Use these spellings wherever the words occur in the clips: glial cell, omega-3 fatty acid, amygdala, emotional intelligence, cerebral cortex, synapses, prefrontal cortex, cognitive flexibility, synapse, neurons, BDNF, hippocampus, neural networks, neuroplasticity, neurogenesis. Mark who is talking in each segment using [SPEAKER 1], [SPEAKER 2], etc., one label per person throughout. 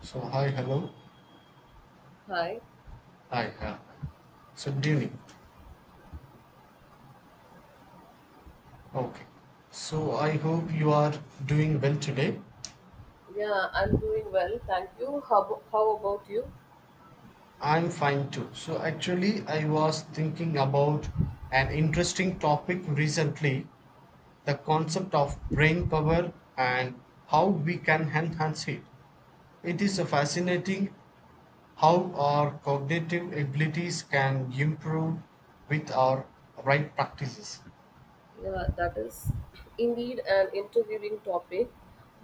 [SPEAKER 1] So hi, hello.
[SPEAKER 2] Hi.
[SPEAKER 1] Hi, hi. So good evening. Okay. So I hope you are doing well today.
[SPEAKER 2] Yeah, I'm doing well. Thank you. How about you?
[SPEAKER 1] I'm fine too. So actually, I was thinking about an interesting topic recently, the concept of brain power and how we can enhance it. It is fascinating how our cognitive abilities can improve with our right practices.
[SPEAKER 2] Yeah, that is indeed an intriguing topic.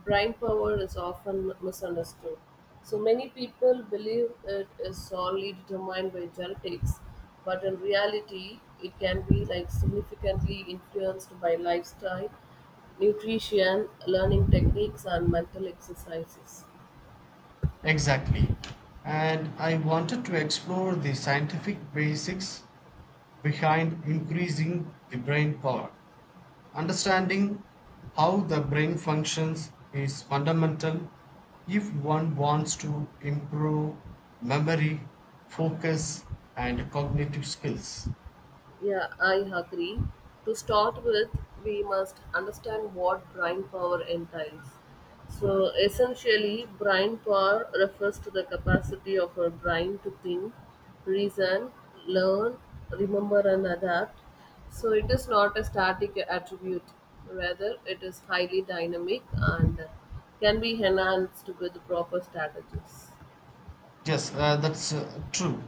[SPEAKER 2] Brain power is often misunderstood. So many people believe it is solely determined by genetics, but in reality, it can be like significantly influenced by lifestyle, nutrition, learning techniques, and mental exercises.
[SPEAKER 1] Exactly. And I wanted to explore the scientific basics behind increasing the brain power. Understanding how the brain functions is fundamental if one wants to improve memory, focus, and cognitive skills.
[SPEAKER 2] Yeah, I agree. To start with, we must understand what brain power entails. So, essentially, brain power refers to the capacity of our brain to think, reason, learn, remember, and adapt. So, it is not a static attribute, rather, it is highly dynamic and can be enhanced with proper strategies.
[SPEAKER 1] Yes, that's true.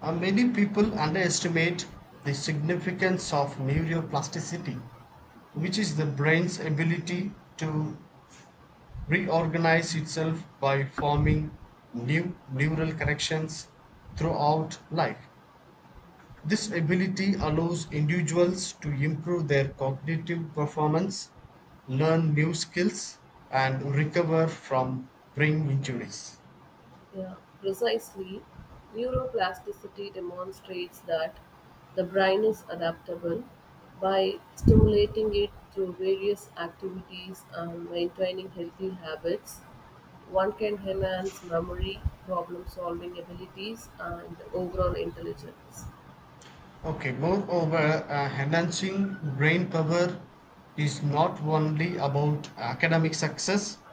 [SPEAKER 1] Many people underestimate the significance of neuroplasticity, which is the brain's ability to reorganize itself by forming new neural connections throughout life. This ability allows individuals to improve their cognitive performance, learn new skills, and recover from brain injuries.
[SPEAKER 2] Yeah, precisely. Neuroplasticity demonstrates that the brain is adaptable by stimulating it through various activities and maintaining healthy habits. One can enhance memory, problem solving abilities, and overall intelligence.
[SPEAKER 1] Okay, moreover, enhancing brain power is not only about academic success,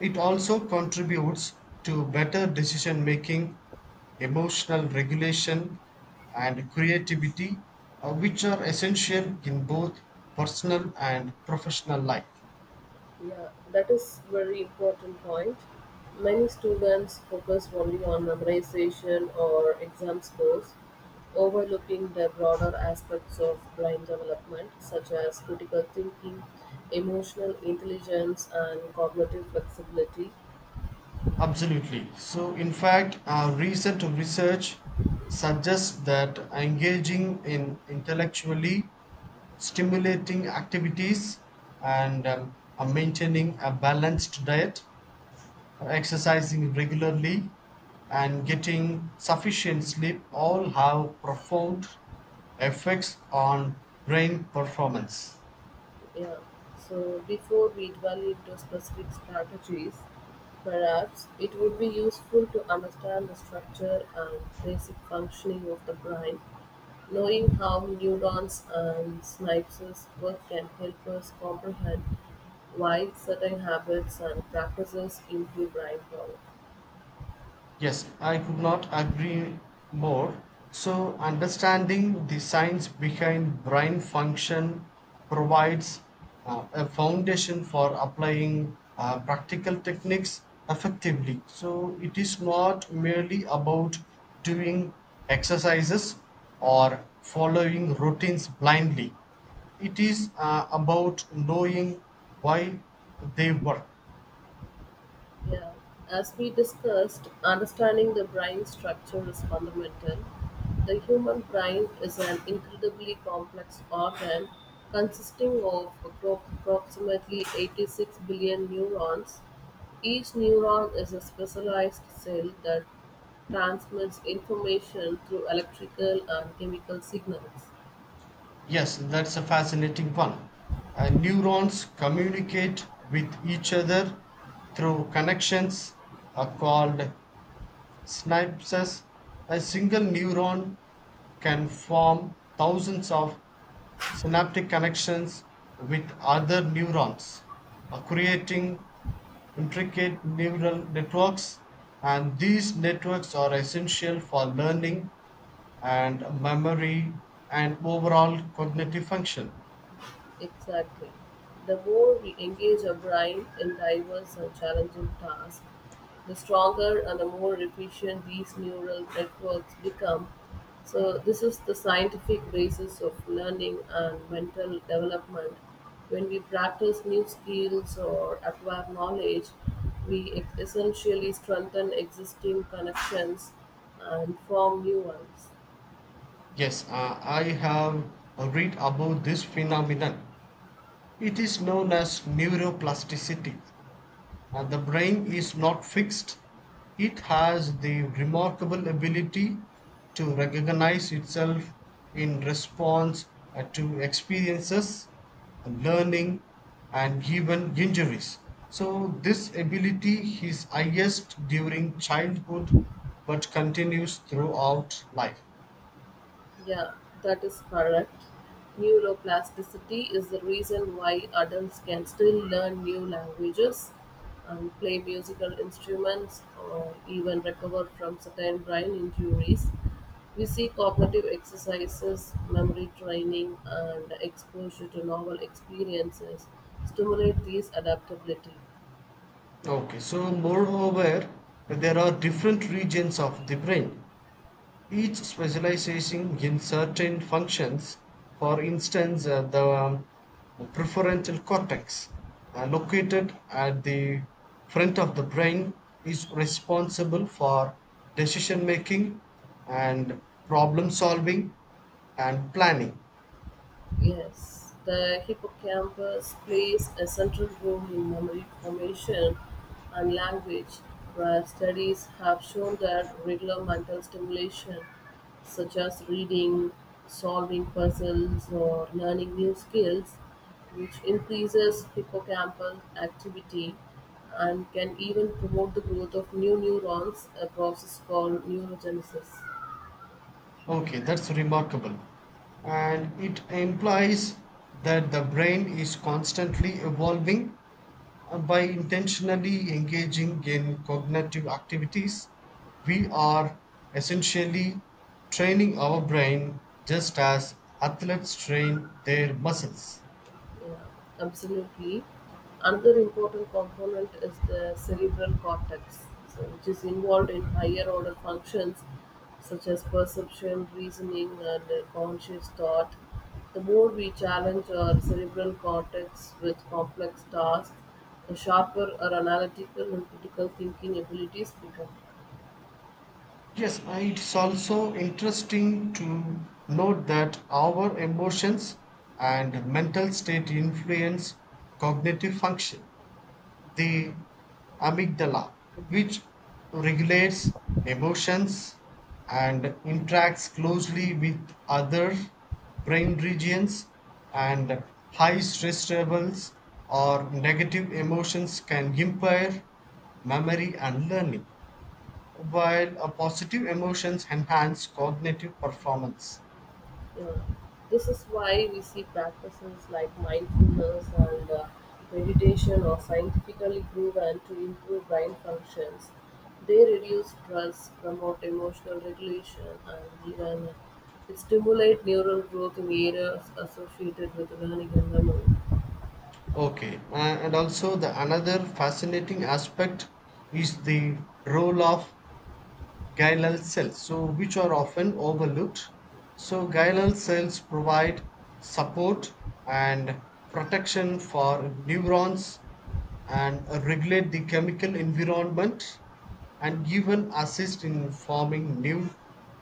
[SPEAKER 1] it also contributes to better decision making, emotional regulation, and creativity, which are essential in both personal and professional life.
[SPEAKER 2] Yeah, that is very important point. Many students focus only on memorization or exam scores, overlooking the broader aspects of brain development such as critical thinking, emotional intelligence and cognitive flexibility.
[SPEAKER 1] Absolutely. So, in fact, our recent research suggests that engaging in intellectually stimulating activities and maintaining a balanced diet, exercising regularly, and getting sufficient sleep all have profound effects on brain performance.
[SPEAKER 2] Yeah. So before we dwell into specific strategies, perhaps it would be useful to understand the structure and basic functioning of the brain. Knowing how neurons and synapses work can help us comprehend why certain habits and practices improve brain power.
[SPEAKER 1] Yes, I could not agree more. So, understanding the science behind brain function provides a foundation for applying practical techniques effectively. So, it is not merely about doing exercises or following routines blindly, it is about knowing why they work.
[SPEAKER 2] Yeah. As we discussed, understanding the brain structure is fundamental. The human brain is an incredibly complex organ consisting of approximately 86 billion neurons. Each neuron is a specialized cell that transmits information through electrical and chemical signals.
[SPEAKER 1] Yes, that's a fascinating one. Neurons communicate with each other through connections called synapses. A single neuron can form thousands of synaptic connections with other neurons, creating intricate neural networks, and these networks are essential for learning and memory and overall cognitive function.
[SPEAKER 2] Exactly. The more we engage our brain in diverse and challenging tasks, the stronger and the more efficient these neural networks become. So, this is the scientific basis of learning and mental development. When we practice new skills or acquire knowledge, we essentially strengthen existing connections and form new ones.
[SPEAKER 1] Yes, I have read about this phenomenon. It is known as neuroplasticity. And the brain is not fixed, it has the remarkable ability to recognize itself in response to experiences, learning, and even injuries. So, this ability is highest during childhood but continues throughout life.
[SPEAKER 2] Yeah, that is correct. Neuroplasticity is the reason why adults can still learn new languages and play musical instruments or even recover from certain brain injuries. We see cognitive exercises, memory training, and exposure to novel experiences stimulate these adaptability.
[SPEAKER 1] Okay, so moreover, there are different regions of the brain. Each specialization in certain functions, for instance the prefrontal cortex, located at the front of the brain, is responsible for decision making and problem solving and planning.
[SPEAKER 2] Yes, the hippocampus plays a central role in memory formation and language, where studies have shown that regular mental stimulation, such as reading, solving puzzles, or learning new skills, which increases hippocampal activity and can even promote the growth of new neurons, a process called neurogenesis.
[SPEAKER 1] Okay, that's remarkable, and it implies that the brain is constantly evolving. By intentionally engaging in cognitive activities, we are essentially training our brain just as athletes train their muscles.
[SPEAKER 2] Yeah, absolutely. Another important component is the cerebral cortex, so which is involved in higher order functions such as perception, reasoning, and conscious thought. The more we challenge our cerebral cortex with complex tasks, the sharper our analytical and critical thinking abilities become.
[SPEAKER 1] Yes, it's also interesting to note that our emotions and mental state influence cognitive function. The amygdala, which regulates emotions and interacts closely with other brain regions, and high stress levels or negative emotions can impair memory and learning, while a positive emotions enhance cognitive performance.
[SPEAKER 2] Yeah. This is why we see practices like mindfulness and meditation are scientifically proven to improve brain functions. They reduce stress, promote emotional regulation, and even stimulate neural growth in areas associated with learning and memory.
[SPEAKER 1] Okay, and also the another fascinating aspect is the role of glial cells, so which are often overlooked. So glial cells provide support and protection for neurons and regulate the chemical environment and even assist in forming new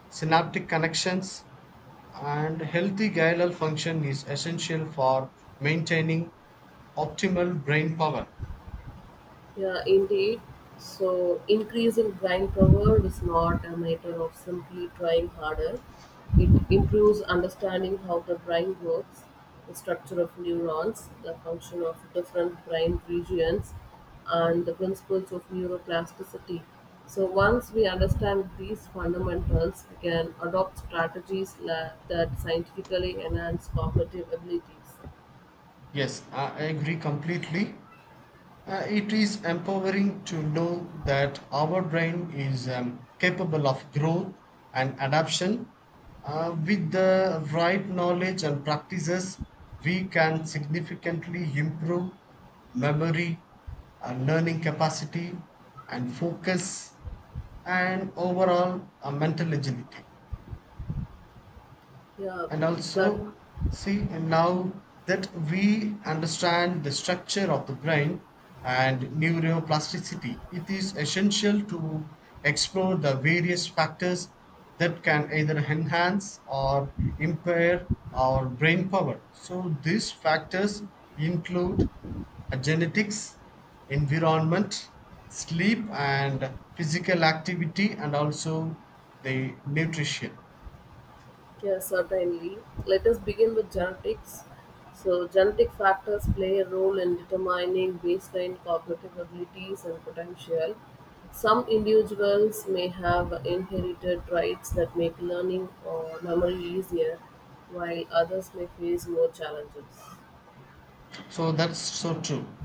[SPEAKER 1] synaptic connections, and healthy glial function is essential for maintaining optimal brain power.
[SPEAKER 2] Yeah, indeed, so increasing brain power is not a matter of simply trying harder. It improves understanding how the brain works, the structure of neurons, the function of different brain regions, and the principles of neuroplasticity. So, once we understand these fundamentals, we can adopt that scientifically enhance cognitive abilities.
[SPEAKER 1] Yes, I agree completely. It is empowering to know that our brain is capable of growth and adaptation. With the right knowledge and practices, we can significantly improve memory, learning capacity, and focus, and overall mental agility.
[SPEAKER 2] Yeah,
[SPEAKER 1] And
[SPEAKER 2] so
[SPEAKER 1] also, see, and now that we understand the structure of the brain and neuroplasticity, it is essential to explore the various factors that can either enhance or impair our brain power. So, these factors include genetics, environment, sleep, and physical activity, and also the nutrition.
[SPEAKER 2] yeah, certainly. Let us begin with genetics. So, genetic factors play a role in determining baseline cognitive abilities and potential. Some individuals may have inherited traits that make learning or memory easier, while others may face more challenges.
[SPEAKER 1] So, that's so true.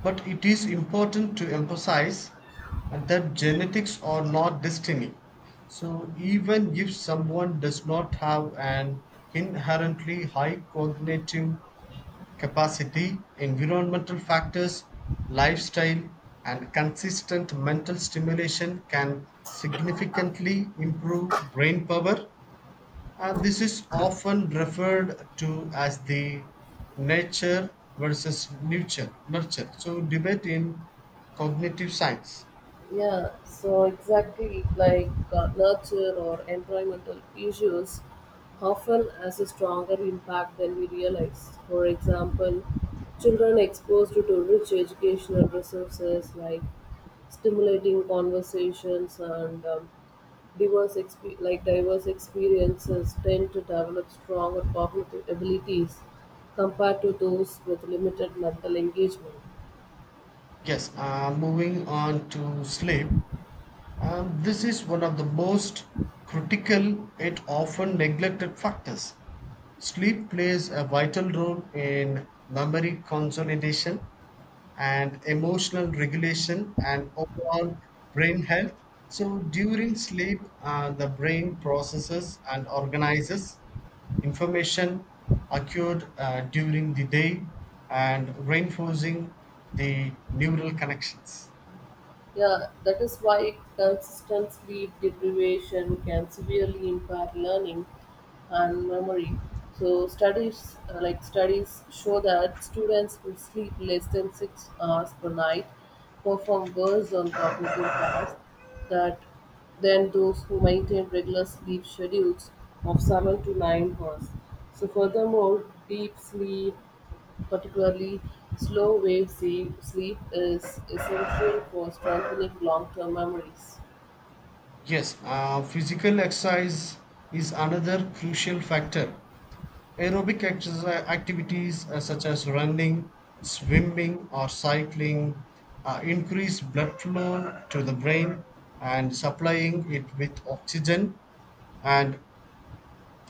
[SPEAKER 1] But it is important to emphasize that genetics are not destiny. So, even if someone does not have an inherently high cognitive capacity, environmental factors, lifestyle, and consistent mental stimulation can significantly improve brain power. This is often referred to as the nature versus nurture. So, debate in cognitive science.
[SPEAKER 2] Yeah, so exactly like nurture or environmental issues often has a stronger impact than we realize. For example, children exposed to rich educational resources like stimulating conversations and like diverse experiences tend to develop stronger cognitive abilities compared to those with limited mental engagement.
[SPEAKER 1] Yes, moving on to sleep. This is one of the most critical yet often neglected factors. Sleep plays a vital role in memory consolidation and emotional regulation and overall brain health. So, during sleep, the brain processes and organizes information occurred during the day and reinforcing the neural connections.
[SPEAKER 2] Yeah, that is why consistent sleep deprivation can severely impair learning and memory. So studies like studies show that students who sleep less than 6 hours per night perform worse on cognitive tasks that than those who maintain regular sleep schedules of 7 to 9 hours. So furthermore, deep sleep particularly, sleep is essential for strengthening long term memories.
[SPEAKER 1] Yes, physical exercise is another crucial factor. Aerobic exercise activities such as running, swimming, or cycling increase blood flow to the brain and supplying it with oxygen and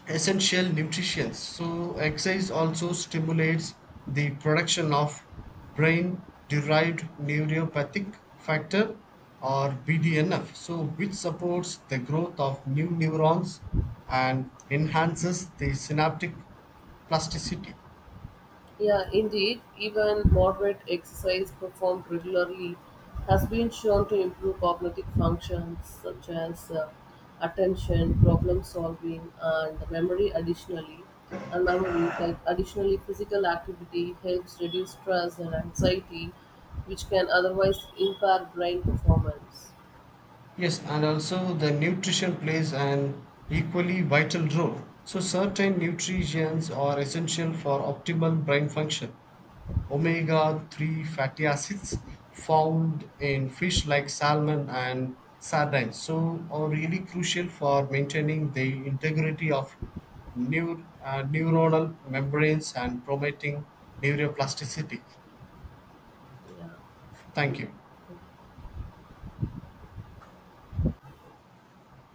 [SPEAKER 1] essential nutrients. So, exercise also stimulates the production of brain derived neuropathic factor or BDNF, so which supports the growth of new neurons and enhances the synaptic plasticity.
[SPEAKER 2] Yeah, indeed, even moderate exercise performed regularly has been shown to improve cognitive functions such as attention, problem solving, and memory. Additionally, and memory, like Additionally, physical activity helps reduce stress and anxiety, which can otherwise impair brain performance.
[SPEAKER 1] Yes, and also the nutrition plays an equally vital role. So, certain nutrients are essential for optimal brain function. Omega-3 fatty acids found in fish like salmon and sardines so are really crucial for maintaining the integrity of neuronal membranes and promoting neuroplasticity.
[SPEAKER 2] Yeah.
[SPEAKER 1] Thank you.